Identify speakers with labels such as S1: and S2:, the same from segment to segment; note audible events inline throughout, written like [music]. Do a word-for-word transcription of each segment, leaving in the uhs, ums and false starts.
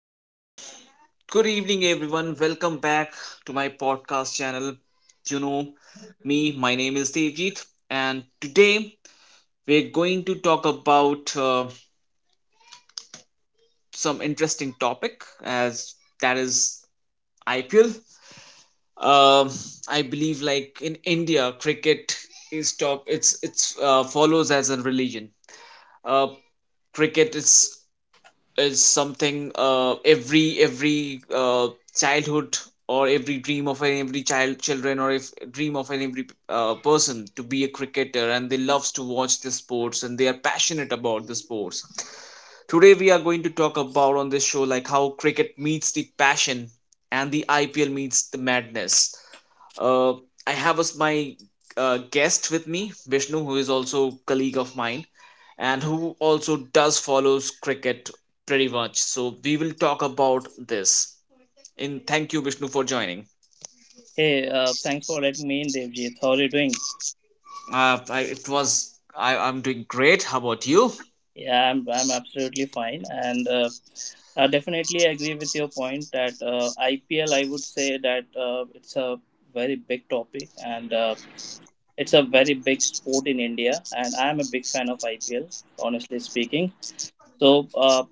S1: Uh, Good evening, everyone. Welcome back to my podcast channel. You know me, my name is Devjit, and today we're going to talk about uh, some interesting topic, as that is I P L. Um, I believe, like in India, cricket is talk. It's it's uh, follows as a religion. Uh, Cricket is is something, uh, every every uh, childhood or every dream of an every child children or if dream of an every uh, person to be a cricketer, and they loves to watch the sports and they are passionate about the sports. Today we are going to talk about on this show like how cricket meets the passion and the ipl meets the madness. uh, I have as my uh, guest with me Vishnu, who is also colleague of mine and who also does follows cricket pretty much. So we will talk about this. And thank you, Vishnu, for joining.
S2: Hey, uh, thanks for letting me in, Devjit. How are you doing?
S1: Uh, I, it was I, I'm doing great. How about you?
S2: Yeah, I'm, I'm absolutely fine. And uh, I definitely agree with your point that uh, I P L, I would say that uh, it's a very big topic, and uh, it's a very big sport in India. And I'm a big fan of I P L, honestly speaking. So, uh,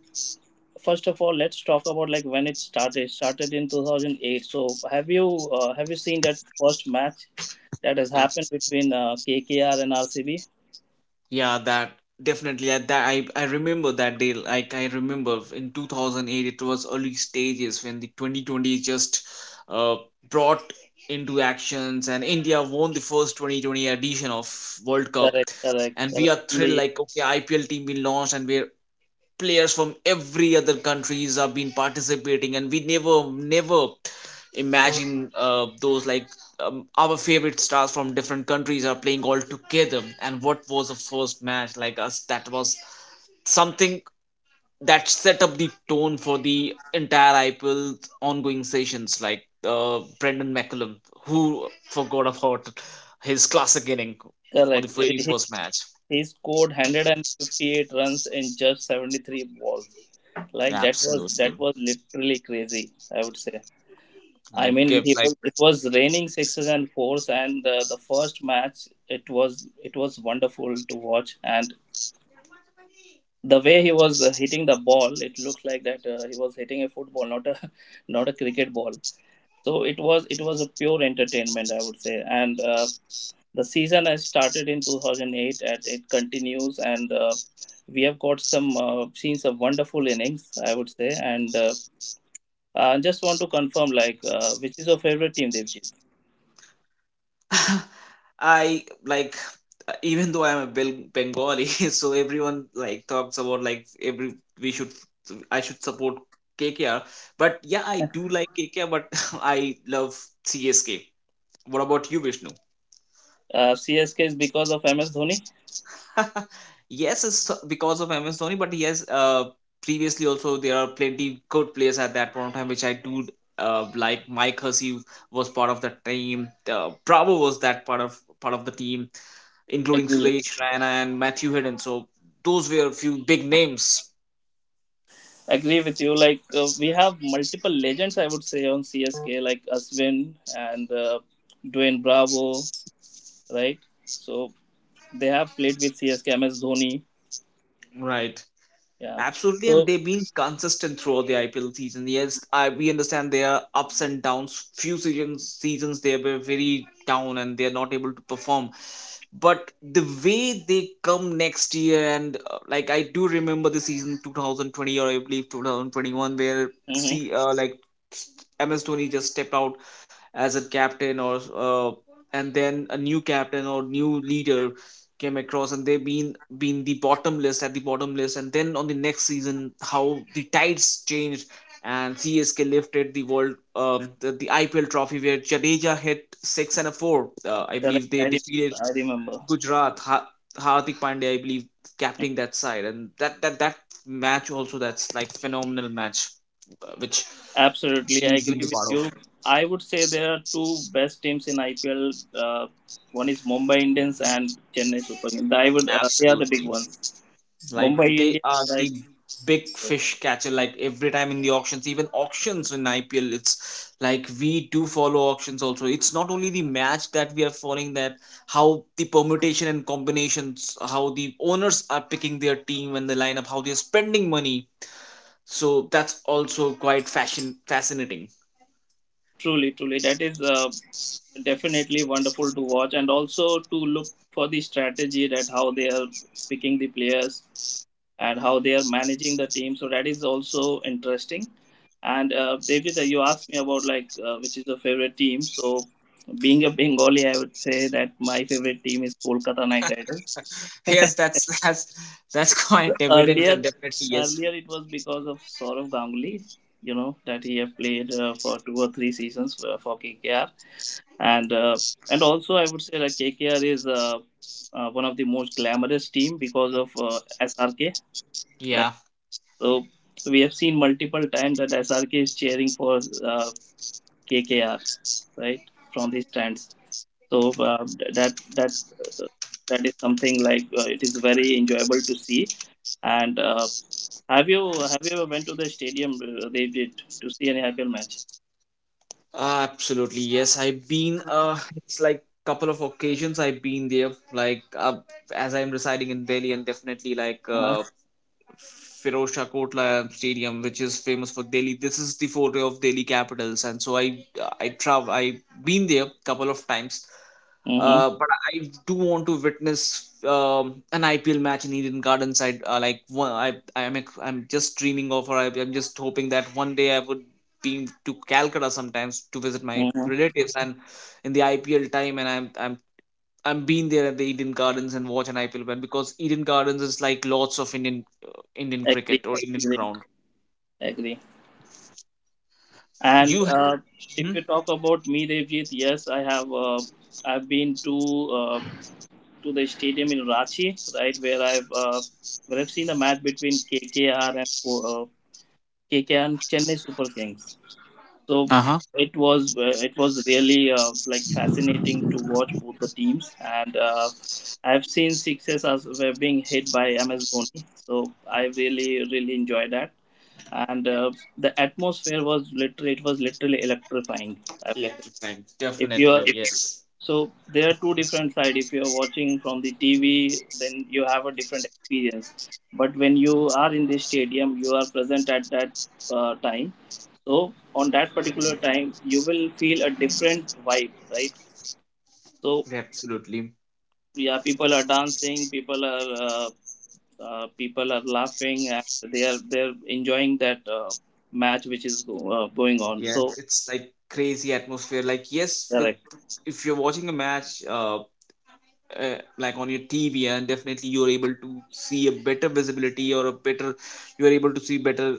S2: first of all, let's talk about like when it started. It started in two thousand eight. So, have you uh, have you seen that first match that has
S1: Uh,
S2: happened between uh, K K R and R C B?
S1: Yeah, that definitely. I, that I, I remember that day. Like I remember in two thousand eight, it was early stages when the twenty twenty just uh, brought into actions, and India won the first twenty twenty edition of World Cup,
S2: Correct, correct,
S1: and we
S2: correct.
S1: are thrilled
S2: The
S1: like, okay, I P L team will launched, and we're players from every other countries have been participating, and we never never imagine uh, those like, um, our favorite stars from different countries are playing all together. And what was the first match like us? That was something that set up the tone for the entire I P L ongoing sessions, like uh, Brendan McCullum, who forgot about his classic inning on the
S2: correct. It,
S1: very
S2: he
S1: first match.
S2: he scored one hundred fifty-eight runs in just seventy-three balls. Like that was
S1: Absolutely,
S2: that was literally crazy, I would say. I
S1: like
S2: mean,
S1: if
S2: he
S1: like,
S2: was, it was raining sixes and fours, and uh, the first match, it was it was wonderful to watch. And the way he was uh, hitting the ball, it looked like that uh, he was hitting a football, not a [laughs] not a cricket ball. So it was it was a pure entertainment, I would say. And uh, the season has started in two thousand eight, and it continues, and uh, we have got some uh, scenes of wonderful innings, I would say. And uh, I just want to confirm, like, uh, which is your favorite team, Devjit?
S1: [laughs] I like, uh, even though I'm a Bel- Bengali, [laughs] so everyone like talks about like every we should I should support K K R. But yeah, I do like K K R, but [laughs] I love C S K. What about you, Vishnu?
S2: uh, CSK is because of MS Dhoni.
S1: [laughs] Yes, it's so, because of M S Dhoni, but yes, uh, previously also there are plenty good players at that point of time which I do uh, like. Mike Hussey was part of the team. Uh, Bravo was that part of part of the team, including
S2: Agree,
S1: Suresh Raina and Matthew Hidden. So those were a few big names,
S2: agree with you, like, uh, we have multiple legends, I would say, on CSK, like Aswin and uh, Dwayne Bravo, right? So they have played with CSK, MS Dhoni.
S1: right?
S2: Yeah.
S1: Absolutely, and
S2: So
S1: they've been consistent throughout the I P L season. Yes, I we understand there are ups and downs. Few seasons seasons they were very down and they are not able to perform. But the way they come next year, and uh, like I do remember the season twenty twenty, or I believe two thousand twenty-one, where
S2: mhm,
S1: see uh, like M S Dhoni just stepped out as a captain or uh, and then a new captain or new leader came across, and they've been been the bottom list at the bottom list, and then on the next season how the tides changed, and C S K lifted the world, um, the, the I P L trophy where Jadeja hit six and a four. uh, I
S2: correct.
S1: believe they
S2: i remember
S1: defeated
S2: i remember
S1: Gujarat ha- Hardik Pandya, I believe, captaining that side. And that that that match also, that's like phenomenal match, uh, which
S2: Absolutely, I
S1: he's been
S2: agree
S1: the
S2: with
S1: part of.
S2: you. I would say there are two best teams in I P L. Uh, one is Mumbai Indians and Chennai Super Kings. I would uh, they are the big
S1: Absolutely,
S2: ones.
S1: like
S2: Mumbai
S1: they
S2: Indians,
S1: are
S2: like,
S1: the big fish catcher. Like every time in the auctions, even auctions in I P L, it's like we do follow auctions also. It's not only the match that we are following, that how the permutation and combinations, how the owners are picking their team and the lineup, how they're spending money. So that's also quite fashion fascinating.
S2: truly, truly, that is uh, definitely wonderful to watch, and also to look for the strategy, that how they are picking the players and how they are managing the team. So that is also interesting. And uh, David, uh, you asked me about like uh, which is your favorite team. So, being a Bengali, I would say that my favorite team is Kolkata Knight Riders.
S1: Yes,
S2: [laughs]
S1: that's [laughs] that's that's quite evident, that
S2: earlier,
S1: definitely yes.
S2: earlier it was because of Saurav Ganguly. You know that he have played uh, for two or three seasons for, for, K K R, and uh, and also I would say that K K R is uh, uh, one of the most glamorous team because of uh, S R K, right?
S1: Yeah.
S2: So we have seen multiple times that S R K is cheering for uh, K K R right from the stands. So uh, that that uh, that is something, like, uh, it is very enjoyable to see. And uh, have you have you ever went to the stadium, uh, Devjit, to see any I P L match?
S1: Absolutely, yes. I've been uh, it's like couple of occasions I've been there like, uh, as I'm residing in Delhi, and definitely like uh
S2: Uh-huh.
S1: Firoz Shah Kotla Stadium, which is famous for Delhi. This is the forte of Delhi capitals, and so I I travel, I've been there couple of times,
S2: Mm-hmm.
S1: uh, but I do want to witness um, an I P L match in Eden Gardens. I uh, like one, I I'm ex- I'm just dreaming of, or I, I'm just hoping that one day I would be to Calcutta sometimes to visit my
S2: Mm-hmm.
S1: relatives and in the I P L time, and I'm I'm I'm being there at the Eden Gardens and watch an I P L match, because Eden Gardens is like lots of Indian uh, Indian
S2: Agree,
S1: cricket or Indian
S2: agree,
S1: ground.
S2: agree. And
S1: You.
S2: uh, if
S1: Hmm?
S2: you talk about me, Devjit, yes, I have uh, I've been to uh, to the stadium in Ranchi, right, where I've uh, where I've seen a match between K K R and uh, K K R and Chennai Super Kings. So
S1: Uh huh.
S2: it was uh, it was really uh, like, fascinating to watch both the teams. And uh, I've seen sixes as were being hit by M S Dhoni, so I really really enjoyed that. And uh, the atmosphere was literally it was literally electrifying. Uh,
S1: Electric time,
S2: If you
S1: definitely,
S2: are
S1: yes.
S2: so there are two different sides. If you're watching from the T V, then you have a different experience. But when you are in the stadium, you are present at that uh, time. So on that particular time, you will feel a different vibe, right? So
S1: Absolutely.
S2: yeah, people are dancing, people are uh, uh, people are laughing, and they are they're enjoying that uh, match which is go, uh, going on.
S1: Yes,
S2: So
S1: it's like crazy atmosphere, like yes. With
S2: correct,
S1: if you're watching a match, uh, uh like on your tv, and definitely you're able to see a better visibility or a better you're able to see better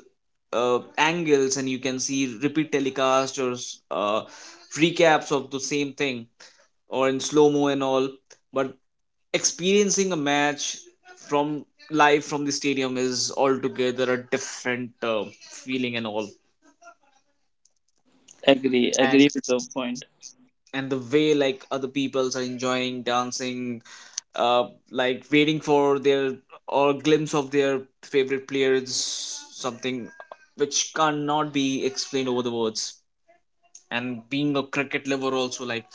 S1: uh, angles, and you can see repeat telecast or s- uh, recaps of the same thing or in slow mo and all. But experiencing a match from live from the stadium is altogether a different uh, feeling and all.
S2: agree, agree with the point.
S1: And the way like other peoples are enjoying, dancing, uh like waiting for their or glimpse of their favorite player is something which cannot be explained over the words. And being a cricket lover also, like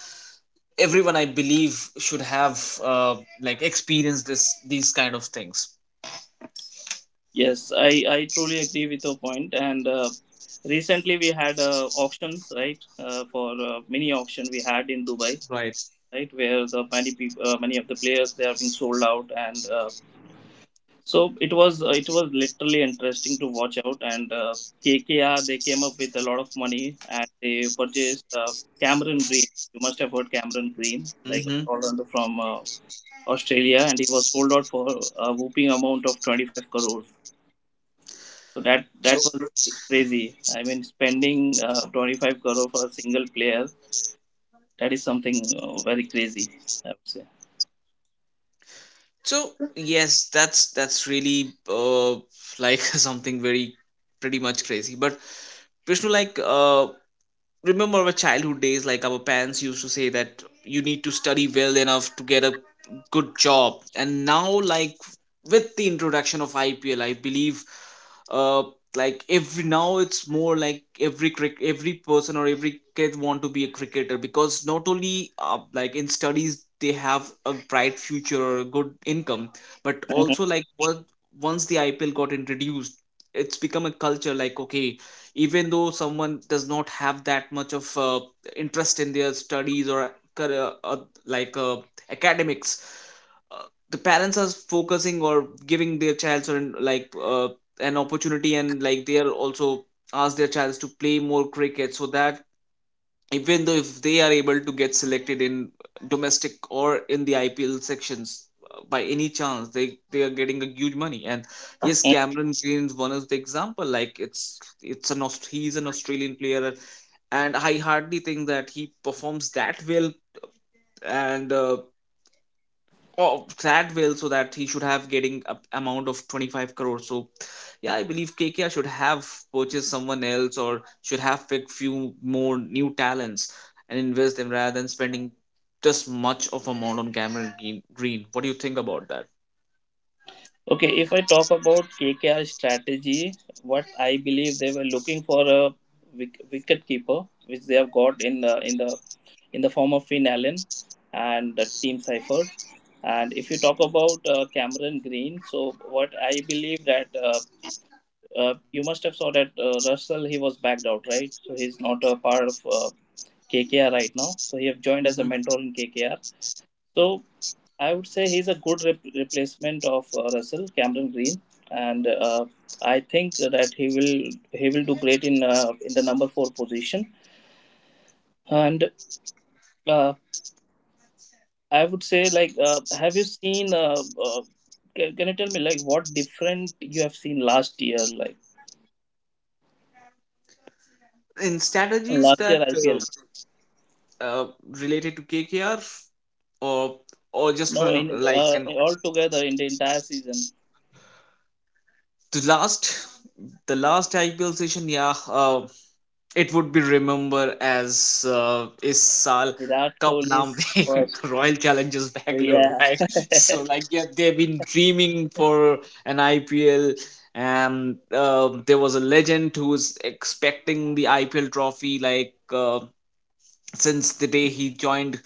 S1: everyone I believe should have uh like experienced this these kind of things.
S2: Yes, I, I truly agree with your point. And uh, recently we had a auction, right? Uh, for uh, mini auction we had in Dubai,
S1: Right.
S2: right, where the many people, uh, many of the players they are being sold out. And uh, so it was uh, it was literally interesting to watch out. And uh, K K R, they came up with a lot of money and they purchased uh, Cameron Green. You must have heard Cameron Green, like,
S1: Mm-hmm.
S2: all under from uh, Australia, and he was sold out for a whooping amount of 25 crores. So that
S1: so
S2: that was crazy. I mean, spending uh, 25 crore for a single player, that is something uh, very crazy, I would say.
S1: so yes, that's that's really uh like [laughs] something very pretty much crazy. But Vishnu, like, uh, remember our childhood days, like our parents used to say that you need to study well enough to get a good job. And now like with the introduction of ipl, I believe, uh like every now it's more like every crick every person or every kid want to be a cricketer, because not only, uh, like in studies they have a bright future or a good income, but
S2: Mhm.
S1: also like what once the ipl got introduced, it's become a culture, like okay, even though someone does not have that much of uh, interest in their studies or career, uh, uh, like uh, academics, uh, the parents are focusing or giving their child certain like uh, an opportunity, and like they are also ask their child to play more cricket so that even though if they are able to get selected in domestic or in the I P L sections, uh, by any chance they they are getting a huge money. And yes, Cameron Green's one is the example, like it's it's an Aust- he's an Australian player, and I hardly think that he performs that well. And uh, oh, that well, so that he should have getting a amount of twenty-five crores. So, yeah, I believe K K R should have purchased someone else or should have picked few more new talents and invest them rather than spending just much of amount on Cameron Green. Green. What do you think about that?
S2: Okay, if I talk about K K R strategy, what I believe they were looking for a wick- wicket keeper, which they have got in the in the in the form of Finn Allen and uh, Team Seifert. And if you talk about uh, Cameron Green, so what I believe that. Uh, Uh, you must have saw that uh, Russell, he was backed out, right? So he's not a part of uh, K K R right now. So he have joined as a
S1: Hmm.
S2: mentor in K K R. So I would say he's a good rep- replacement of uh, Russell Cameron Green. And uh, I think that he will he will do great in uh, in the number four position. And uh, I would say, like, uh, have you seen? Uh, uh, can, can you tell me, like, what different you have seen last year, like
S1: In strategies
S2: last year
S1: that
S2: I P L?
S1: uh, uh, related to K K R, or or just for
S2: No,
S1: an-
S2: in
S1: like
S2: uh,
S1: an
S2: in- altogether in the entire season,
S1: the last the last I P L session, yeah. Uh, it would be remembered as uh, is Sal
S2: Virat
S1: Cup
S2: Kohli's
S1: Naam [laughs]
S2: first.
S1: the Royal Challengers Bangalore,
S2: Yeah,
S1: right? [laughs]
S2: [laughs]
S1: So
S2: correct,
S1: like yeah, they've been dreaming for an I P L, and um there was a legend who's expecting the I P L trophy like. Uh, since the day he joined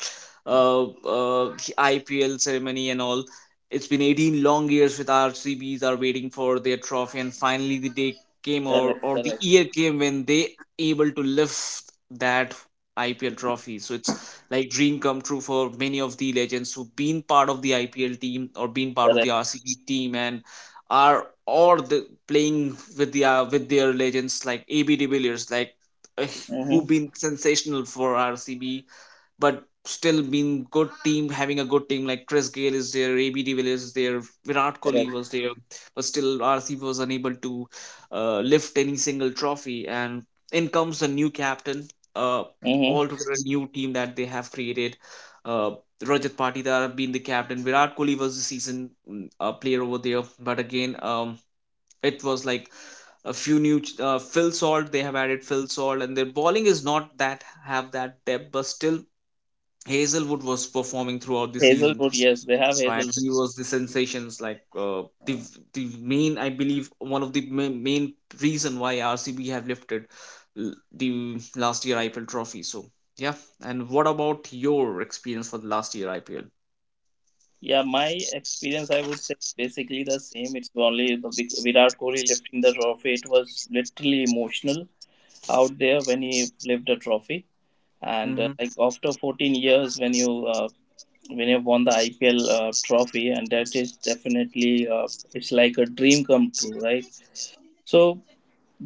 S1: uh, uh, I P L ceremony and all. It's been eighteen long years with R C Bs are waiting for their trophy, and finally the day came, or or the
S2: correct,
S1: year came, when they able to lift that I P L trophy. So it's like dream come true for many of the legends who've been part of the I P L team or been part of
S2: correct.
S1: the R C B team, and are or the playing with the uh, with their legends like A B de Villiers, like, uh,
S2: Mm-hmm,
S1: who've been sensational for R C B, but still been good team, having a good team like Chris Gale is there, A B de Villiers is there, Virat Kohli
S2: correct.
S1: was there, but still R C B was unable to uh, lift any single trophy. And in comes the new captain, uh,
S2: Mm-hmm.
S1: altogether a new team that they have created. Uh, Rajat Patidar being the captain, Virat Kohli was the season mm, uh, player over there, but again, um, it was like a few new ch- uh, Phil Salt. They have added Phil Salt, and their bowling is not that have that depth, but still Hazelwood was performing throughout the season.
S2: Hazelwood, yes, they have
S1: Right,
S2: Hazelwood.
S1: he was the sensations, like uh, the
S2: Mm.
S1: the main, I believe, one of the ma- main reason why R C B have lifted l- the last year I P L trophy. So yeah, and what about your experience for the last year I P L?
S2: Yeah, my experience, I would say, basically the same. It's only the big Virat Kohli lifting the trophy. It was literally emotional out there when he lifted the trophy. And uh,
S1: Mm-hmm.
S2: like, after fourteen years, when you uh, when you won the I P L uh, trophy, and that is definitely uh, it's like a dream come true, right? So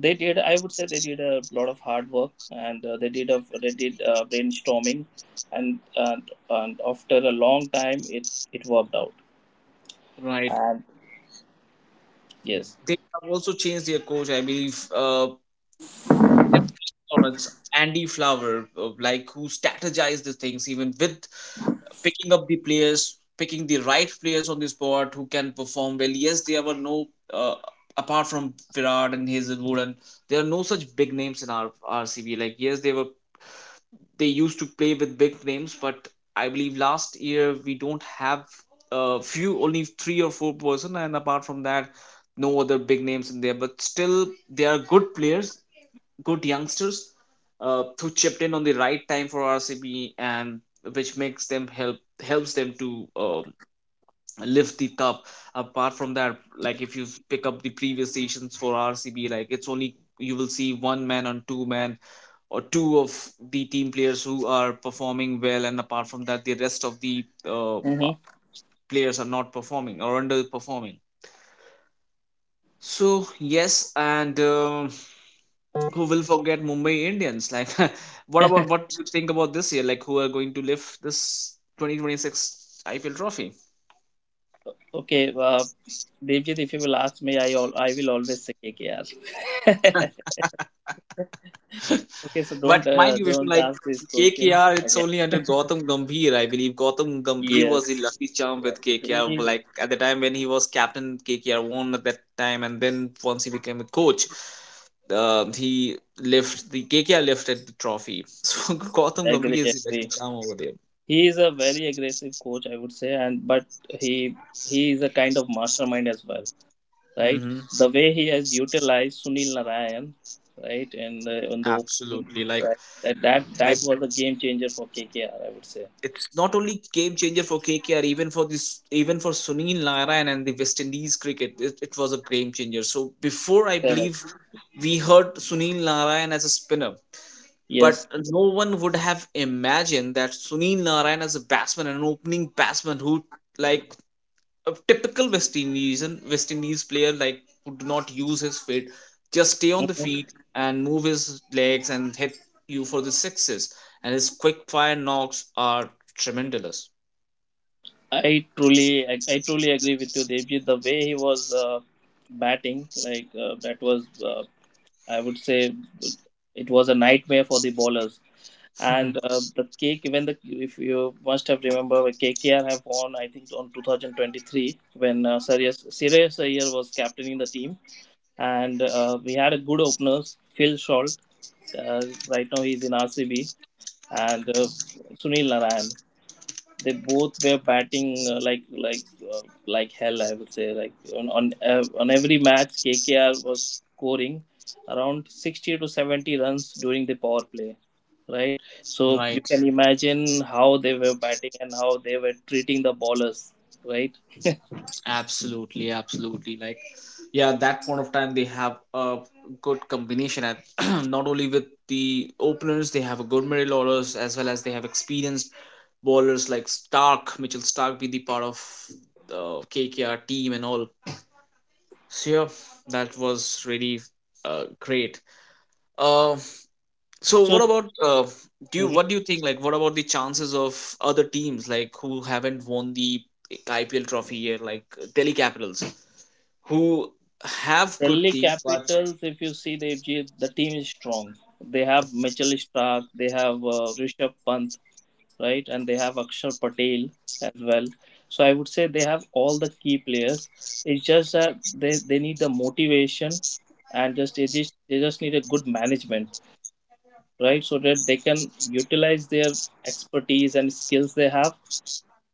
S2: they did, I would say, they did a lot of hard work. And uh, they did a they did uh, brainstorming, and, and and after a long time, it it worked out.
S1: Right.
S2: And yes,
S1: They have also changed their coach, I believe, uh, their opponents, Andy Flower, uh, like who strategized the things even with picking up the players, picking the right players on the spot who can perform well. Yes, there were no uh, apart from Virat and Hazelwood, and there are no such big names in our R C B. Like yes, they were they used to play with big names, but I believe last year we don't have a few only three or four person, and apart from that, no other big names in there. But still, they are good players, good youngsters, uh, who chipped in on the right time for R C B, and which makes them help helps them to uh, lift the cup. Apart from that, like if you pick up the previous seasons for R C B, like it's only you will see one man on two man or two of the team players who are performing well, and apart from that, the rest of the uh,
S2: hmm.
S1: players are not performing or underperforming. So yes, and um who will forget Mumbai Indians? Like, [laughs] what about
S2: [laughs]
S1: what you think about this year? Like, who are going to lift this twenty twenty-six I P L trophy?
S2: Okay, uh, Devjit, if you will ask me, i all I will always say K K R. [laughs] Okay, so
S1: But
S2: don't uh,
S1: mind you, Vishnu,
S2: don't
S1: like
S2: ask this question
S1: K K R, it's
S2: again.
S1: only under Gautam Gambhir. I believe Gautam Gambhir
S2: Yes,
S1: was the lucky charm
S2: yes,
S1: with K K R.
S2: he.
S1: Like at the time when he was captain, K K R won at that time, and then once he became a coach, uh, he lift the K K R lifted the trophy. [laughs] So Gautam
S2: Agree,
S1: Gambhir is the lucky
S2: agree.
S1: charm over there.
S2: He is a very aggressive coach, I would say, and but he he is a kind of mastermind as well, right?
S1: Hmm
S2: The way he has utilized Sunil Narayan, right, and uh, on the opening,
S1: Absolutely, like
S2: right, that that
S1: I
S2: that was a game changer for K K R, I would say.
S1: it's not only game changer for K K R, even for this, even for Sunil Narayan and the West Indies cricket, it, it was a game changer. So before, I
S2: Correct.
S1: believe we heard Sunil Narayan as a spinner, but
S2: Yes.
S1: no one would have imagined that Sunil Narayan as a batsman, an opening batsman who, like a typical West Indies and West Indies player, like who do not use his feet, just stay on the
S2: Mhm.
S1: feet and move his legs and hit you for the sixes. And his quick fire knocks are tremendous.
S2: I truly, I, I truly agree with you, Devji. The way he was uh, batting, like, uh, that was uh, I would say, it was a nightmare for the bowlers. And
S1: Mhm.
S2: uh, the K when the if you must have remember, when K K R have won, I think, on twenty twenty-three, when uh, Sirius Sirius Iyer was captaining the team. And uh, we had a good openers, Phil Salt, uh, right now he's in R C B, and uh, Sunil Narayan, they both were batting uh, like like uh, like hell, I would say. Like, on on, uh, on every match, KKR was scoring around sixty to seventy runs during the power play, right? So you
S1: Right,
S2: can imagine how they were batting and how they were treating the ballers, right?
S1: absolutely, absolutely. Like, yeah, at that point of time, they have a good combination at [clears throat] not only with the openers, they have a good middle orders as well as they have experienced bowlers like Stark, Mitchell Stark, be the part of the K K R team and all. So yeah, that was really uh, great. Uh, so
S2: So
S1: what about uh, do you
S2: mhm,
S1: what do you think, like what about the chances of other teams like who haven't won the I P L trophy here, like Delhi Capitals? Who have good
S2: Delhi
S1: team, but
S2: Capitals, if you see the, the team is strong. They have Mitchell Stark, they have uh, Rishabh Pant, right? And they have Akshar Patel as well. So I would say they have all the key players. It's just that they, they need the motivation, and just they just they just need a good management, right? So that they can utilize their expertise and skills they have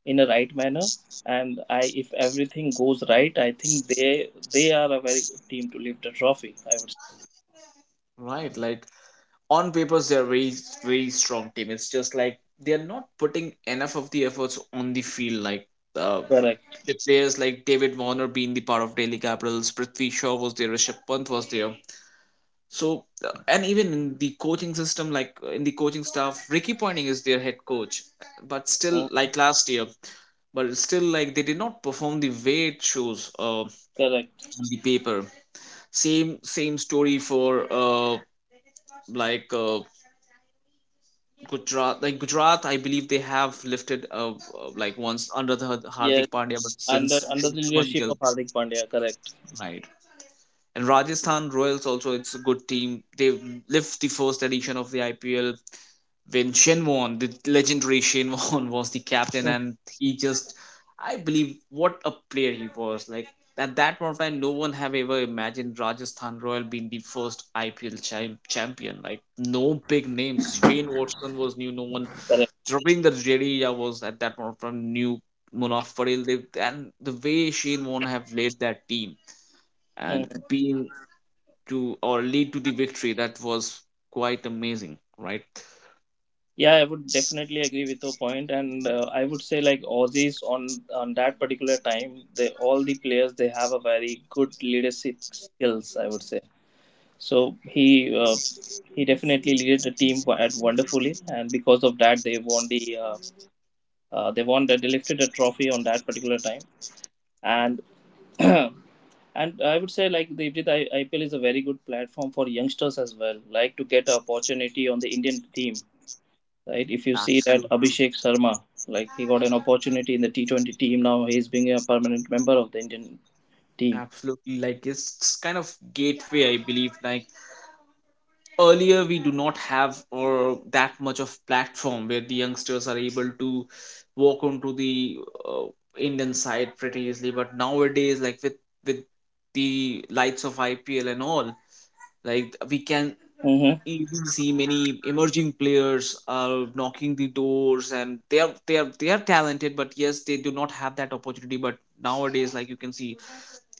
S2: in a right manner. And I if everything goes right, I think they they are a very good team to lift the trophy, I would say.
S1: right, like on papers they're very very strong team. It's just like they're not putting enough of the efforts on the field. Like uh,
S2: Correct.
S1: the players like David Warner being the part of Delhi Capitals, Prithvi Shaw was there, Rishabh Pant was there. So uh, and even in the coaching system, like uh, in the coaching staff, Ricky Pointing is their head coach, but still
S2: Mm,
S1: like last year, but still like they did not perform the way it shows uh, on
S2: correct.
S1: the paper. same same story for uh like uh Gujarat. Like Gujarat, I believe they have lifted uh, uh like once under the Har-
S2: Yes.
S1: Hardik Pandya, but
S2: Under
S1: since
S2: under the
S1: Shubman
S2: leadership
S1: Gill,
S2: of Hardik Pandya, correct.
S1: right. And Rajasthan Royals also, it's a good team. They lift the first edition of the I P L when Shenwon, the legendary Shenwon, [laughs] was the captain, and he just, I believe, what a player he was. Like at that point of time, no one have ever imagined Rajasthan Royal being the first I P L cha- champion. Like no big names. Shane Watson was new. No one.
S2: Correct.
S1: Ravindra Jadeja was at that point of time new. Munaf Patel, they, and the way Shane Warne have led that team and
S2: Mm.
S1: been to or lead to the victory, that was quite amazing, right?
S2: Yeah, I would definitely agree with your point. And uh, I would say, like, Aussies, on on that particular time, they, all the players, they have a very good leadership skills, I would say. So he uh, he definitely led the team wo- at wonderfully, and because of that, they won the uh, uh, they won the, they lifted the trophy on that particular time. And [clears throat] and I would say, like, the I- IPL is a very good platform for youngsters as well, like, to get an opportunity on the Indian team, right? If you see that
S1: Absolutely.
S2: Abhishek Sharma, like, he got an opportunity in the T twenty team. Now, he's being a permanent member of the Indian team.
S1: Absolutely, like it's it's kind of gateway, I believe. Like earlier, we do not have or that much of platform where the youngsters are able to walk onto the uh, Indian side pretty easily. But nowadays, like with with the lights of I P L and all, like we can
S2: Mm-hmm.
S1: easily see many emerging players are knocking the doors, and they are they are they are talented, but yes, they do not have that opportunity. But nowadays, like you can see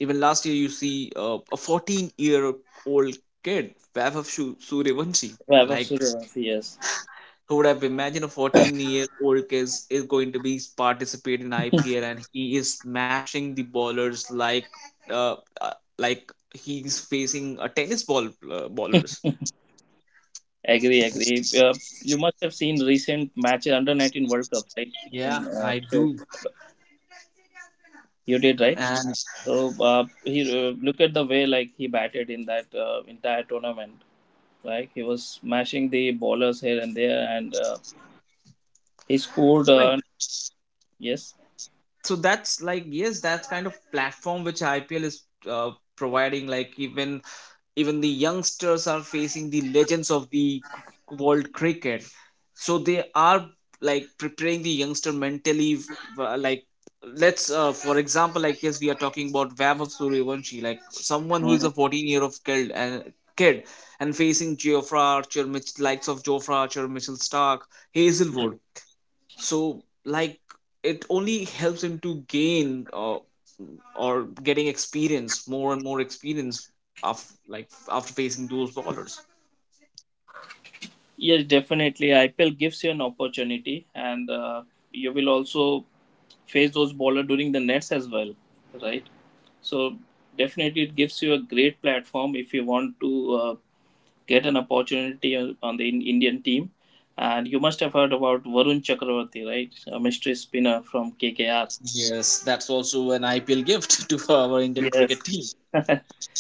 S1: even last year, you see uh, a fourteen year old kid, Vaibhav Shu- Suryavanshi.
S2: Vaibhav
S1: Like,
S2: Suryavanshi, yes.
S1: who would have imagined a fourteen year old kid is going to be participate in I P L and he is smashing the ballers, like uh, uh, like he's facing a tennis ball, uh, ballers.
S2: Agree, agree. Uh, you must have seen recent matches under nineteen World Cup, right?
S1: Yeah.
S2: And uh, so you did, right?
S1: And,
S2: So uh, he uh, look at the way, like, he batted in that uh, entire tournament. Like, he was smashing the ballers here and there. And uh, he scored.
S1: like,
S2: Uh, yes.
S1: so that's like, yes, that's kind of platform which IPL is uh, providing. Like even even the youngsters are facing the legends of the c- world cricket, so they are, like, preparing the youngster mentally f- uh, like, let's uh, for example, like yes, we are talking about Vaibhav Suryavanshi, like someone who is
S2: Mhm.
S1: a fourteen year old kid and kid and facing Geoffrey Archer Mitch likes of Geoffrey Archer, Mitchell Stark, Hazelwood. So like, it only helps him to gain uh, or getting experience more and more experience of, like, after facing those ballers.
S2: Yes, definitely. I P L gives you an opportunity, and uh, you will also face those bowler during the nets as well, right? So definitely, it gives you a great platform if you want to uh, get an opportunity on on the in- Indian team. And you must have heard about Varun Chakravarti, right? A mystery spinner from K K R.
S1: Yes, that's also an I P L gift [laughs] to our Indian
S2: Yes.
S1: cricket team.
S2: [laughs]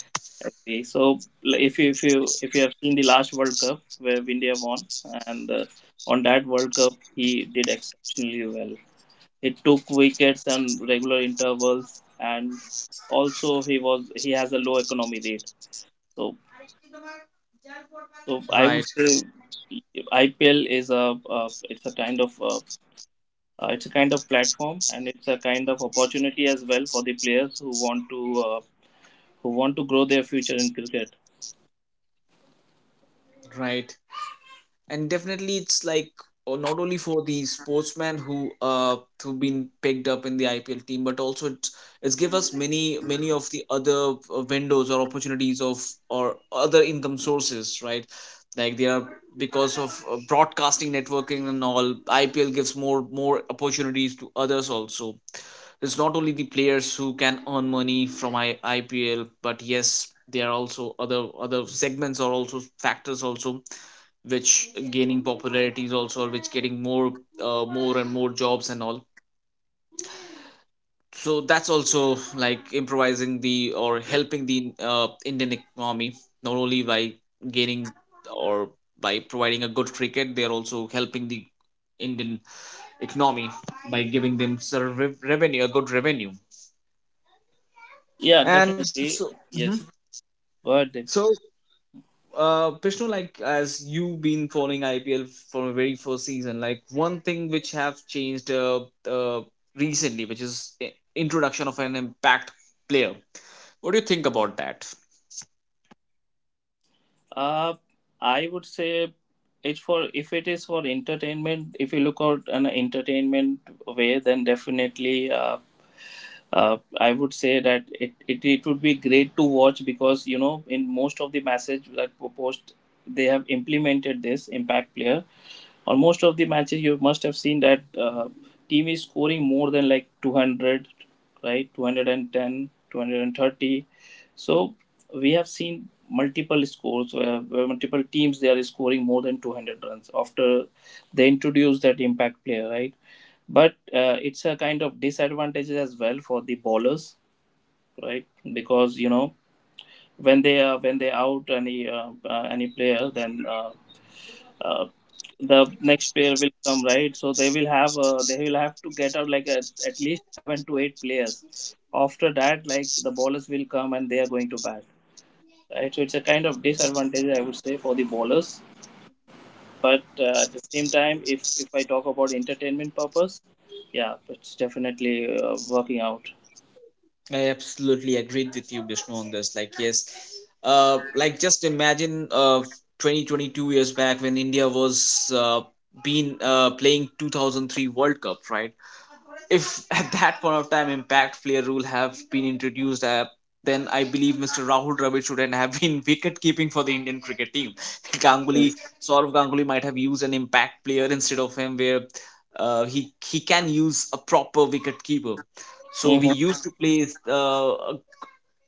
S2: Agree. So l- if you if you if you have seen the last World Cup where India won, and uh, on that World Cup he did exceptionally well. He took wickets on regular intervals, and also he was he has a low economy rate. So so i would
S1: Right,
S2: say IPL is a uh, it's a kind of uh, uh, it's a kind of platform, and it's a kind of opportunity as well for the players who want to uh, who want to grow their future in cricket.
S1: right, and definitely it's like, uh, not only for the sportsmen who uh who've been picked up in the I P L team, but also it's it's give us many many of the other uh, windows or opportunities of or other income sources, right? Like they are, because of uh, broadcasting, networking and all, I P L gives more more opportunities to others also. It's not only the players who can earn money from I- IPL, but yes, there are also other other segments or also factors also, which gaining popularity, is also which getting more uh, more and more jobs and all, so that's also like improvising the or helping the uh, Indian economy. Not only by gaining or by providing a good cricket, they are also helping the Indian economy by giving them sort of rev- revenue, a good revenue.
S2: Yeah,
S1: And
S2: definitely.
S1: so, Mhm.
S2: Yes. but
S1: so uh Pishnu, like as you've been following I P L from the very first season, like one thing which have changed uh, uh recently, which is i- introduction of an impact player. What do you think about that?
S2: uh i would say, it's for if it is for entertainment, if you look out an entertainment way, then definitely uh, uh, I would say that it, it, it would be great to watch because you know in most of the message that post, they have implemented this impact player. On most of the matches, you must have seen that uh, team is scoring more than like two hundred, right? two hundred ten, two hundred thirty. So we have seen multiple scores where, where multiple teams they are scoring more than two hundred runs after they introduce that impact player, right? But uh, it's a kind of disadvantage as well for the bowlers, right? Because you know when they are when they out any uh, uh, any player, then uh, uh, the next player will come, right? So they will have uh, they will have to get out like a, at least seven to eight players. After that, like the bowlers will come and they are going to bat, right? So it's a kind of disadvantage, I would say, for the bowlers. But uh, at the same time, if if i talk about entertainment purpose, yeah, it's definitely uh, working out.
S1: I absolutely agreed with you, Bishnu, on this. Like, yes, uh, like just imagine uh, twenty twenty two years back when India was uh, been uh, playing two thousand three World Cup, right? If at that point of time impact player rule have been introduced, uh, then I believe Mister Rahul Dravid shouldn't have been [laughs] wicket keeping for the Indian cricket team. [laughs] Ganguly,
S2: Yes.
S1: Saurav Ganguly might have used an impact player instead of him, where uh, he he can use a proper wicket keeper. So we
S2: Hmm.
S1: used to play uh,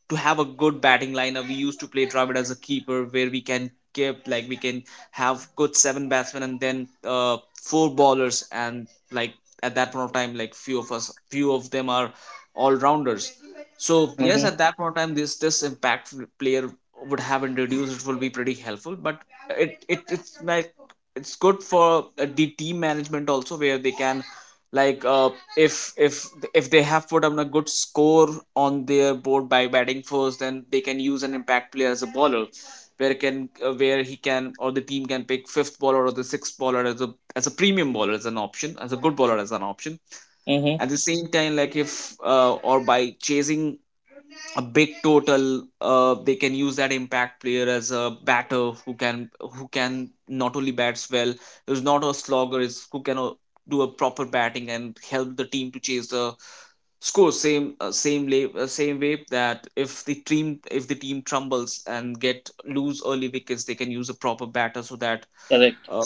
S1: to have a good batting lineup. We used to play Dravid as a keeper, where we can keep like we can have good seven batsmen and then uh, four bowlers, and like at that point of time, like few of us, few of them are all rounders. So yes,
S2: Hmm.
S1: at that point of time, this this impact player would have introduced, it will be pretty helpful. But it it it's like it's good for uh, the team management also, where they can, like, uh, if if if they have put on a good score on their board by batting first, then they can use an impact player as a bowler, where can uh, where he can or the team can pick fifth bowler or the sixth bowler as a as a premium bowler, as an option, as a good bowler, as an option.
S2: Hmm.
S1: At the same time, like if uh, or by chasing a big total, uh, they can use that impact player as a batter who can who can not only bats well, who's not a slogger, is who can uh, do a proper batting and help the team to chase the score. Same uh, same lay, uh, same way, that if the team, if the team trumbles and get lose early wickets, they can use a proper batter, so that
S2: Correct.
S1: uh,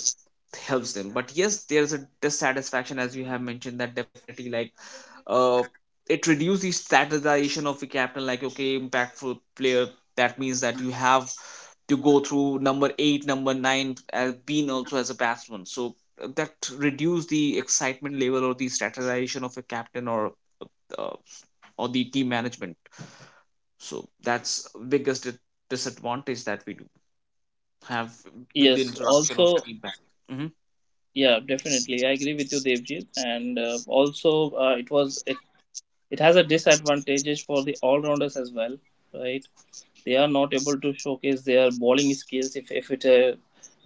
S1: helps them. But yes, there's a dissatisfaction as you have mentioned, that definitely, like, uh, it reduces the standardization of the captain. Like, okay, impactful player, that means that you have to go through number eight, number nine as being also as a batsman, so uh, that reduce the excitement level or the standardization of a captain or uh, or the team management. So that's biggest di- disadvantage that we do have with the
S2: Yes.
S1: introduction of
S2: Also,
S1: feedback. Mm-hmm.
S2: yeah, definitely I agree with you, Devjit. And uh, also, uh, it was it has a disadvantages for the all rounders as well, right? They are not able to showcase their bowling skills if if it's a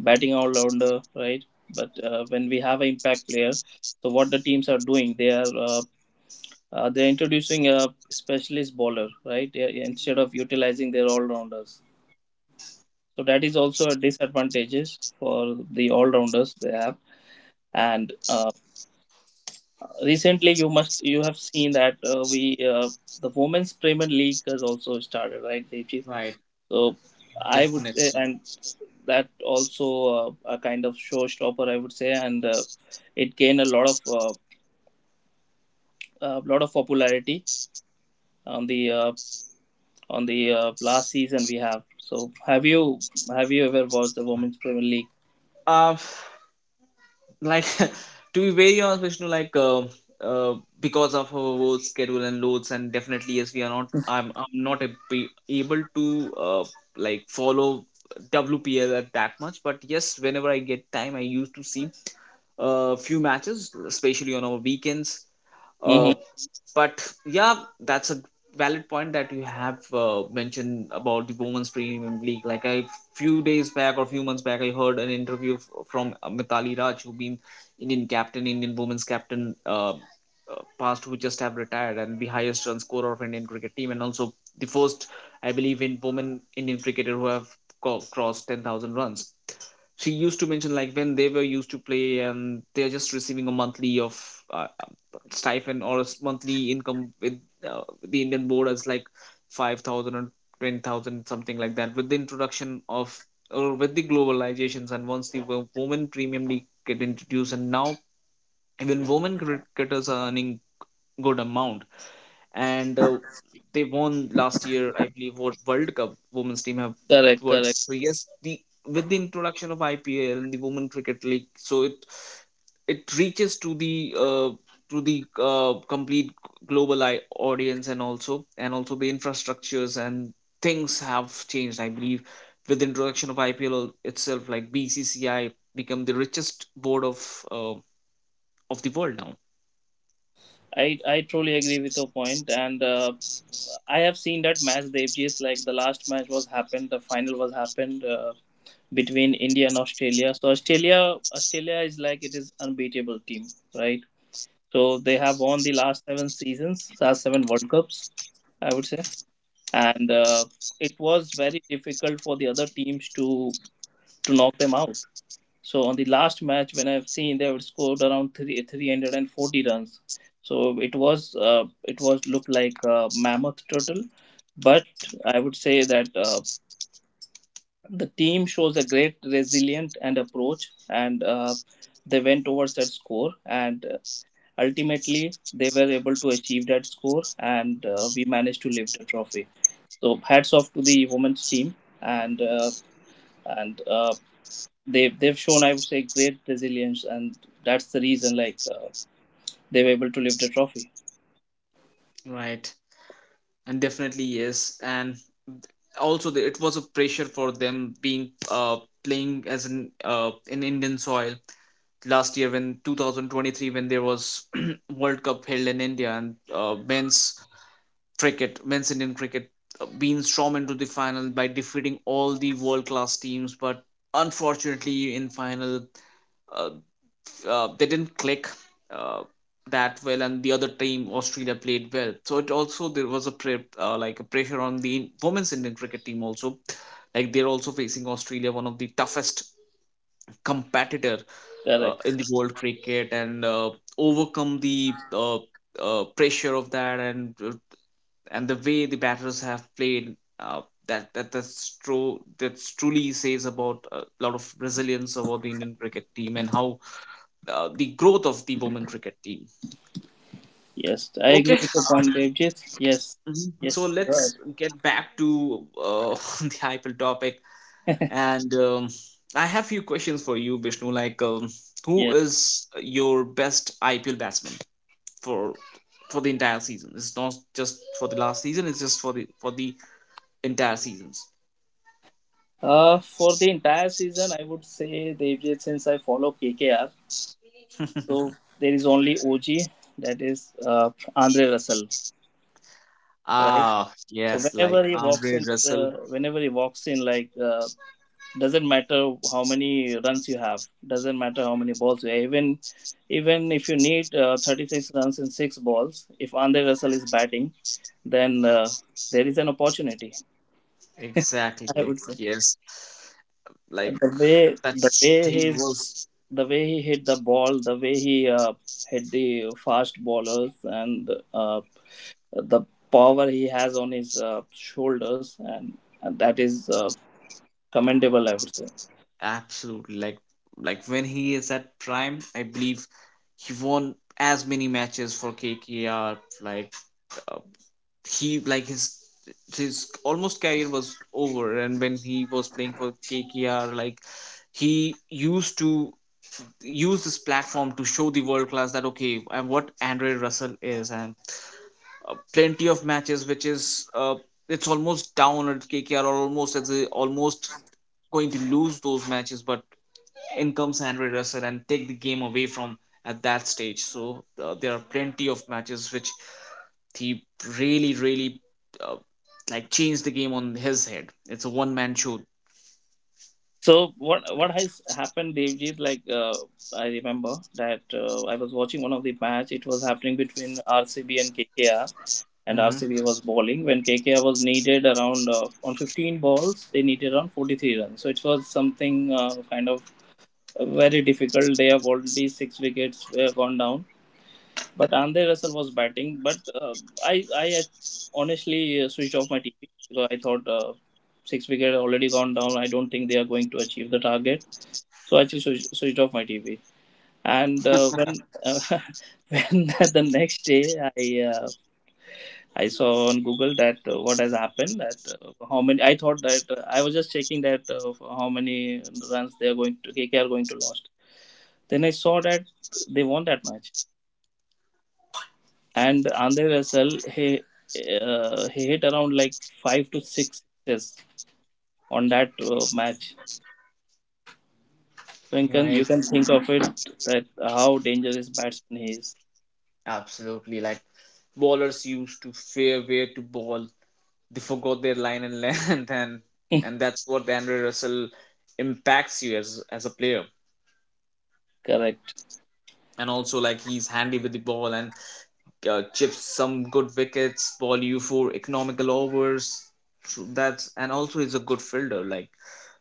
S2: batting all rounder, right? But uh, when we have an impact player, so what the teams are doing, they are uh, uh, they're introducing a specialist bowler, right? They are- Instead of utilizing their all rounders, so that is also a disadvantages for the all rounders they have. And. Uh, recently, you must you have seen that uh, we uh, the women's premier league has also started, right, Devjit?
S1: Right.
S2: So I would say,
S1: Definitely.
S2: and that also uh, a kind of showstopper, I would say, and uh, it gained a lot of uh, a lot of popularity on the uh, on the uh, last season we have. So have you have you ever watched the women's premier league?
S1: uh, like, [laughs] to be very honest, Vishnu, like uh, uh, because of our work schedule and loads, and definitely yes, we are not i'm, I'm not a, be able to uh, like follow WPL at that much. But yes, whenever I get time I used to see a few matches, especially on our weekends. Uh,
S2: Mm-hmm.
S1: but yeah, that's a valid point that you have uh, mentioned about the women's premium league. Like, I few days back or few months back I heard an interview f- from uh, Mitali Raj, who been Indian captain, Indian women's captain, uh, uh, past, who just have retired, and the highest run scorer of Indian cricket team, and also the first, I believe, in women Indian cricketer who have co- crossed ten thousand runs. She used to mention like when they were used to play, and they're just receiving a monthly of uh, um, stipend or a s- monthly income with uh, the Indian board as like five thousand or ten thousand, something like that. With the introduction of, or with the globalizations, and once the wo- women premium league get introduced, and now even women cricketers are earning good amount. And uh, they won last year, I believe, World World Cup. Women's team have
S2: Correct.
S1: World.
S2: Correct.
S1: So yes, the with the introduction of I P L and the Women Cricket League, so it it reaches to the uh, to the uh, complete global I- audience, and also and also the infrastructures and things have changed. I believe with the introduction of I P L al- itself, like B C C I become the richest board of uh, of the world now.
S2: I I truly agree with your point, and uh, I have seen that match, Devjit. Like the last match was happened, the final was happened uh, between India and Australia. So Australia, Australia is like it is unbeatable team, right? So they have won the last seven seasons, last seven World Cups, I would say, and uh, it was very difficult for the other teams to to knock them out. So on the last match, when I've seen, they have scored around three three hundred and forty runs. So it was uh, it was looked like a mammoth turtle, but I would say that uh, the team shows a great resilient and approach, and uh, they went towards that score, and uh, ultimately they were able to achieve that score, and uh, we managed to lift the trophy. So hats off to the women's team, and uh, and uh, they've they've shown, I would say, great resilience, and that's the reason like uh, they were able to lift the trophy.
S1: Right, and definitely yes, and also the, it was a pressure for them, being uh, playing as an uh, in Indian soil last year, when twenty twenty-three, when there was [clears throat] World Cup held in India, and uh, men's cricket men's Indian cricket uh, being stormed into the final by defeating all the world class teams, but unfortunately in final uh, uh, they didn't click uh, that well, and the other team Australia played well. So it also there was a pre- uh, like a pressure on the women's Indian cricket team also, like they're also facing Australia, one of the toughest competitor uh, in the
S2: Correct.
S1: world cricket, and uh, overcome the uh, uh, pressure of that, and uh, and the way the batters have played. Uh, that, that that's true, that truly says about a lot of resilience about the Indian cricket team, and how uh, the growth of the women cricket team.
S2: Yes, I
S1: Okay.
S2: agree with your point, Devjit. Yes.
S1: Mhm. So
S2: Yes. Right.
S1: let's get back to uh, [laughs] the I P L topic, and um, I have few questions for you, Vishnu. Like, um, who
S2: Yes.
S1: is your best I P L batsman for for the entire season? It's not just for the last season; it's just for the for the entire seasons.
S2: Uh, for the entire season, I would say Devjit, since I follow K K R, so
S1: [laughs]
S2: there is only O G, that is uh, Andre Russell, right?
S1: Ah,
S2: So
S1: yes,
S2: whenever
S1: like
S2: he walks
S1: Andre
S2: in,
S1: Russell.
S2: the, whenever he walks in, like. Uh, doesn't matter how many runs you have, doesn't matter how many balls you have. Even even if you need uh, thirty-six runs in six balls, if Andre Russell is batting, then uh, there is an opportunity,
S1: Exactly.
S2: I
S1: Like
S2: would say.
S1: yes, like
S2: the way
S1: that
S2: the way
S1: he
S2: he
S1: was.
S2: the way he hit the ball, the way he uh, hit the fast bowlers, and uh, the power he has on his uh, shoulders, and, and that is uh, commendable, I would say.
S1: Absolutely. Like like when he is at prime, I believe he won as many matches for K K R. Like uh, he like his his almost career was over, and when he was playing for K K R, like he used to use this platform to show the world class that okay, and what Andre Russell is. And uh, plenty of matches which is uh, it's almost down at K K R or almost as a, almost going to lose those matches, but in comes Henry Russell and take the game away from at that stage. So uh, there are plenty of matches which he really, really uh, like changed the game on his head. It's a one man show.
S2: So what what has happened, Devjit? Like uh, I remember that uh, I was watching one of the match. It was happening between R C B and KKR, and
S1: Mm-hmm.
S2: RCB was bowling when K K R was needed around uh, on fifteen balls. They needed around forty-three runs. So it was something uh, kind of very difficult. They have already six wickets uh, gone down. But Andre Russell was batting. But uh, I I uh, honestly uh, switched off my T V because I thought uh, six wicket already gone down. I don't think they are going to achieve the target, so I just switch- switched off my T V. And uh, when uh, [laughs] when [laughs] the next day, I uh, I saw on Google that uh, what has happened, that uh, how many I thought that uh, I was just checking that uh, how many runs they are going to K K R going to lost. Then I saw that they won that match, and Andre Russell, he uh, he hit around like five to six sixes on that uh, match. So you can you
S1: Right,
S2: can think of it, that how dangerous batsman he is.
S1: absolutely. Like ballers used to fear where to ball. They forgot their line and [laughs] land, and
S2: [laughs]
S1: and that's what Henry Russell impacts you as as a player.
S2: Correct.
S1: And also like he's handy with the ball, and uh, chips some good wickets, ball you for economical overs. So that's, and also he's a good fielder. Like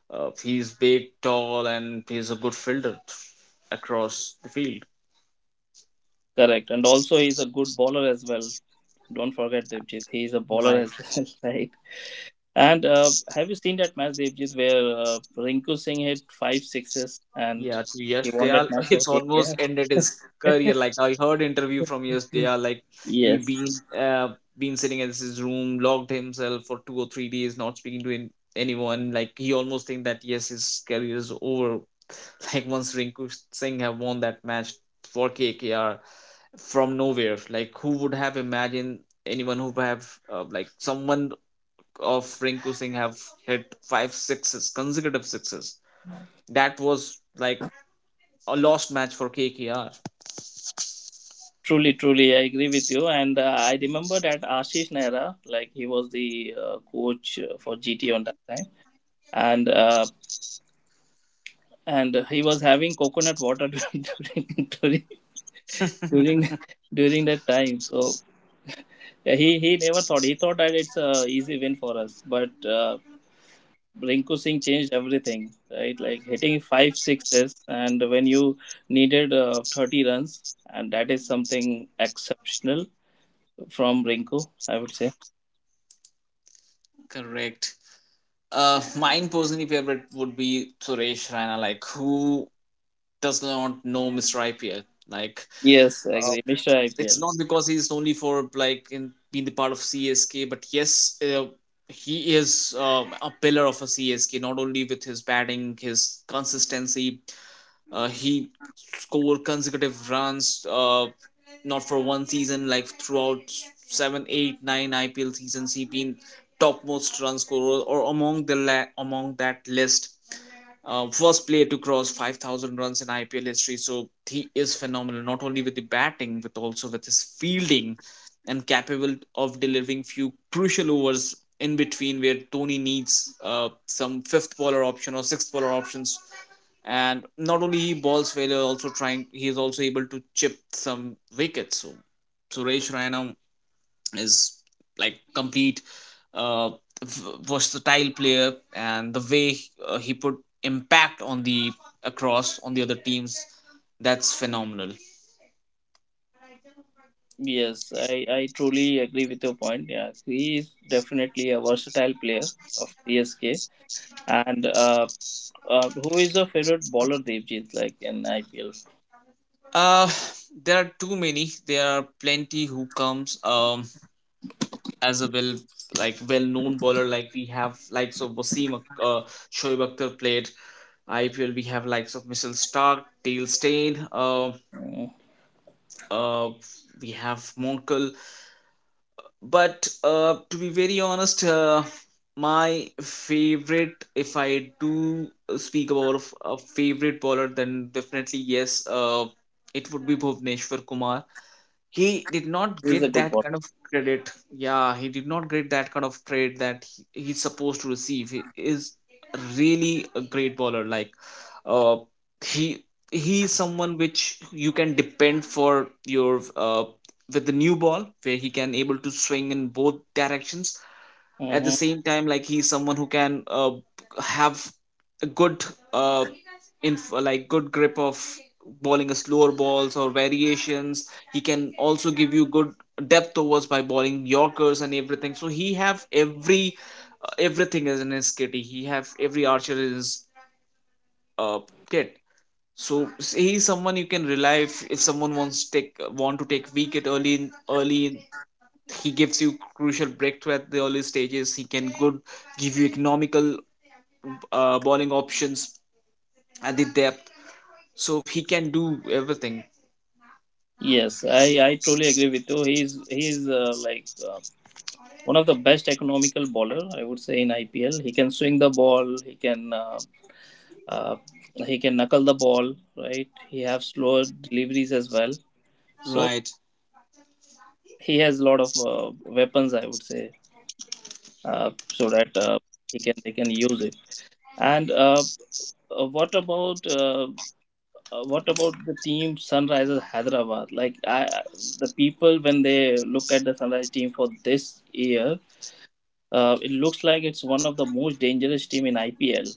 S1: uh, he's big, tall, and he's a good fielder across the field.
S2: Correct. And also, he's a good bowler as well. Don't forget, Devjit. He's a bowler
S1: Right.
S2: as [laughs] well, right? And uh, have you seen that match, Devjit, where uh, Rinku Singh hit five sixes and
S1: Yeah, so Yash
S2: he won
S1: Dayal,
S2: that match
S1: [laughs]
S2: for
S1: it's almost ended his career.
S2: K K R?
S1: Like I heard interview from Yash
S2: [laughs]
S1: Dayal, like he
S2: Yes,
S1: been uh, been sitting in his room, locked himself for two or three days, not speaking to an- anyone. Like he almost think that yes, his career is over. [laughs] Like once Rinku Singh have won that match for K K R from nowhere. Like who would have imagined anyone who have uh, like someone of Rinku Singh have hit five sixes, consecutive sixes. That was like a lost match for K K R.
S2: truly, truly, I agree with you. And uh, I remember that Ashish Nehra, like he was the uh, coach uh, for G T on that time, and uh, and he was having coconut water [laughs] during during during during that time. So yeah, he he never thought. He thought that it's a easy win for us, but uh, Rinku Singh changed everything, right? Like hitting five sixes, and when you needed uh, thirty runs, and that is something exceptional from Rinku, I would say.
S1: Correct. Uh, mine personally favorite would be Suresh Raina. Like, who does not know Mister I P L? Like
S2: Yes, I
S1: uh,
S2: agree. Mister
S1: it's
S2: I P L.
S1: not because he's only for, like, in being the part of C S K, but yes, uh, he is uh, a pillar of a C S K. Not only with his batting, his consistency, uh, he scored consecutive runs. Uh, not for one season, like throughout seven, eight, nine I P L seasons, he been topmost run scorer or among the la- among that list, uh, first player to cross five thousand runs in I P L history. So he is phenomenal, not only with the batting but also with his fielding, and capable of delivering few crucial overs in between where Tony needs uh, some fifth bowler option or sixth bowler options. And not only he bowls well also trying he is also able to chip some wickets. So Suresh Raina is like complete uh, v- versatile player, and the way uh, he put impact on the across on the other teams, that's phenomenal.
S2: Yes, I I truly agree with your point. Yeah, he is definitely a versatile player of C S K, and uh, uh, who is your favorite bowler, Devjit, like in I P L?
S1: uh there are too many, there are plenty who comes um as a well, like well known bowler. Like we have likes of Wasim Ak- uh, Shoaib Akhtar played I P L, we have likes of Missile Stark, Dale Steyn, uh,
S2: Mm,
S1: uh we have Monkel. But uh, to be very honest, uh, my favorite, if I do uh, speak about a favorite bowler, then definitely yes, uh, it would be Bhuvneshwar Kumar. He did not
S2: he's a
S1: get
S2: good
S1: that kind of credit. Yeah, he did not get that kind of trade that he, he's supposed to receive. He is really a great bowler. Like uh he he is someone which you can depend for your uh with the new ball, where he can able to swing in both directions. At the
S2: bowler.
S1: same time, like he's someone who can uh have a good uh, in like good grip of bowling a slower balls or variations. He can also give you good depth overs by bowling yorkers and everything. So he have every uh, everything is in his kitty, he have every archer in his uh, kit. So s- he's someone you can rely if, if someone wants to take want to take wicket early in early in he gives you crucial breakthrough at the early stages. He can good give you economical uh, bowling options at the depth, so he can do everything.
S2: Yes, I, I truly agree with you. He's he's uh, like uh, one of the best economical bowler, I would say, in I P L. He can swing the ball. He can uh, uh, he can knuckle the ball. Right. He have slow deliveries as well. So
S1: Right.
S2: he has a lot of uh, weapons, I would say, uh, so that uh, he can they can use it. And uh, uh, what about? Uh, Uh, what about the team Sunrisers Hyderabad? Like I, the people, when they look at the Sunrise team for this year, uh, it looks like it's one of the most dangerous team in I P L,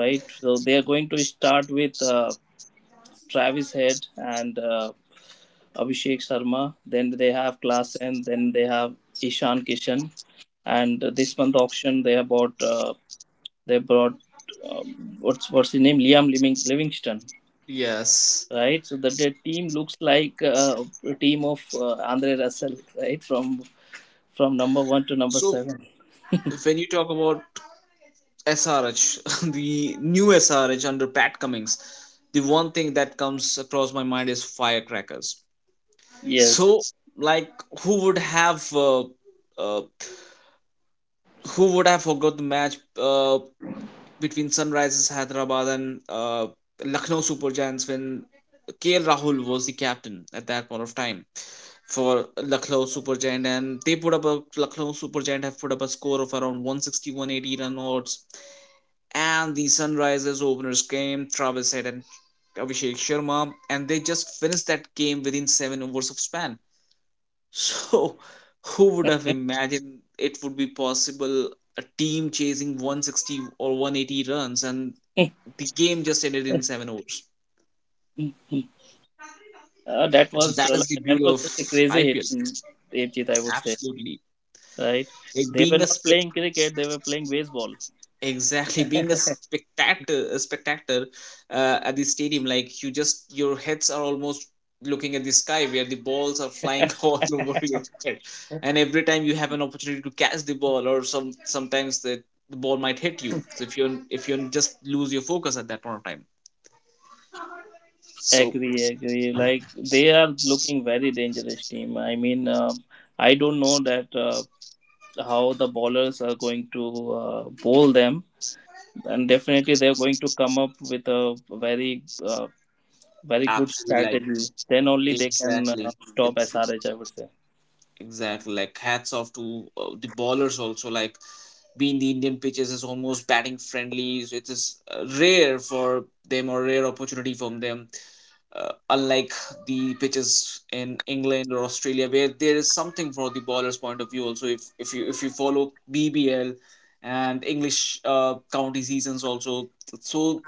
S2: right? So they are going to start with uh, Travis Head and uh, Abhishek Sharma. Then they have Class then they have Ishan Kishan. And uh, this month auction, they have bought uh, they brought um, what's what's his name, Liam Living, Livingston,
S1: Yes.
S2: right? So that the team looks like uh, a team of uh, Andre Russell, right? From from number one to number
S1: So
S2: seven.
S1: when you talk about S R H, [laughs] the new S R H under Pat Cummings, the one thing that comes across my mind is firecrackers.
S2: Yes,
S1: So, like, who would have uh, uh, who would have forgot the match uh, between Sunrisers Hyderabad and uh, Lucknow Super Giants, when K L Rahul was the captain at that point of time for Lucknow Super Giant, and they put up a Lucknow Super Giant have put up a score of around one sixty one eighty run odds, and the Sunrisers openers came Travis Head and Abhishek Sharma, and they just finished that game within seven overs of span. So, [laughs] who would have
S2: [laughs] uh,
S1: imagined it would be possible a team chasing one sixty or one eighty runs, and the game just ended in seven overs?
S2: that
S1: So,
S2: was
S1: that
S2: uh,
S1: is the
S2: that
S1: beauty
S2: was
S1: of
S2: just a crazy hit,
S1: I P L.
S2: mm, Devjit, I would say,
S1: Absolutely.
S2: right?
S1: It
S2: They were
S1: being a
S2: not playing
S1: spectacle.
S2: cricket; they were playing baseball.
S1: Exactly. [laughs] Being a
S2: [laughs]
S1: spectator, a spectator uh, at the stadium, like you just your heads are almost looking at the sky where the balls are flying [laughs] all over your head, and every time you have an opportunity to catch the ball, or some sometimes the, the ball might hit you. So if you if you just lose your focus at that point of time. So
S2: Agree, agree. Like they are looking very dangerous team. I mean, uh, I don't know that uh, how the bowlers are going to uh, bowl them, and definitely they're going to come up with a very uh, very good
S1: absolutely, like
S2: strategy, then only they can
S1: exactly,
S2: uh, stop
S1: it's
S2: S R H, I would say.
S1: exactly. Like hats off to uh, the ballers also. Like being the Indian pitches is almost batting friendly. So it is uh, rare for them, or rare opportunity from them. Uh, unlike the pitches in England or Australia, where there is something for the ballers' point of view. Also, if if you if you follow B B L and English uh, county seasons also, so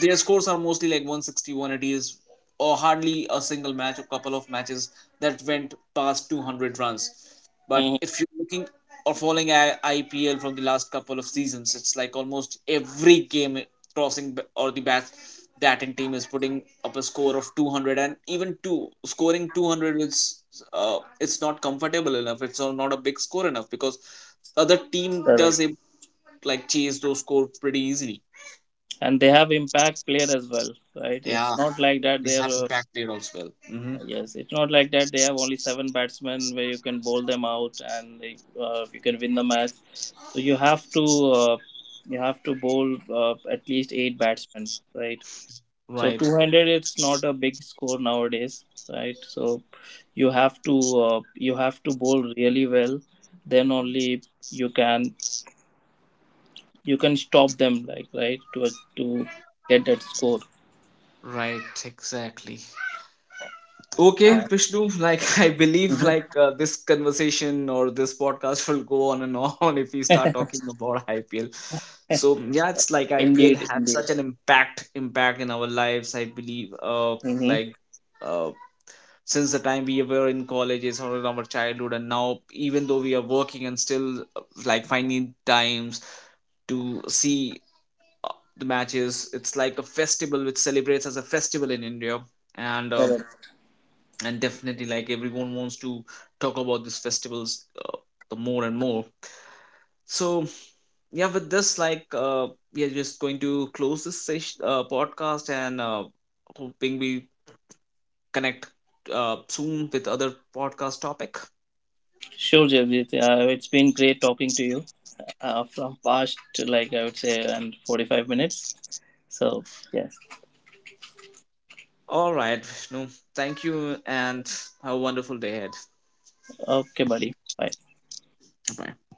S1: their scores are mostly like one sixty, one eighties, or hardly a single match or couple of matches that went past two hundred runs. But
S2: Mhm.
S1: if you're looking or following I- IPL from the last couple of seasons, it's like almost every game crossing b- or the bat batting team is putting up a score of two hundred, and even two scoring two hundred is uh, it's not comfortable enough, it's all not a big score enough, because other team does
S2: Correct.
S1: it, like chase those scores pretty easily.
S2: And they have impact player as well, right?
S1: Yeah,
S2: It's not like that
S1: we
S2: they
S1: have it
S2: are
S1: back there as well. Hmm.
S2: uh, yes, it's not like that they have only seven batsmen where you can bowl them out, and they, uh, you can win the match. So you have to uh, you have to bowl uh, at least eight batsmen, right? So
S1: Right.
S2: two hundred, it's not a big score nowadays, right? So you have to uh, you have to bowl really well, then only you can you can stop them, like right to to get that score.
S1: Right, exactly. Okay,
S2: Uh,
S1: Vishnu, [laughs] like I believe,
S2: mhm.
S1: like uh, this conversation or this podcast will go on and on [laughs] if we start talking about I P L. So yeah, it's like
S2: [laughs]
S1: I P L
S2: Indeed,
S1: had
S2: indeed.
S1: such an impact impact in our lives. I believe uh
S2: Mm-hmm.
S1: like uh since the time we were in colleges or in our childhood, and now even though we are working, and still uh, like finding times to see uh, the matches. It's like a festival which celebrates as a festival in India, and um and definitely like everyone wants to talk about these festivals uh, the more and more. So yeah, with this, like uh, we are just going to close this session, uh, podcast, and uh, hoping we connect uh, soon with other podcast topic.
S2: Sure, Jagdeep. Uh, it's been great talking to you uh, from past, like I would say, and forty-five minutes. So yes.
S1: All right, Vishnu, thank you, and have a wonderful day ahead.
S2: Okay, buddy. Bye.
S1: Bye.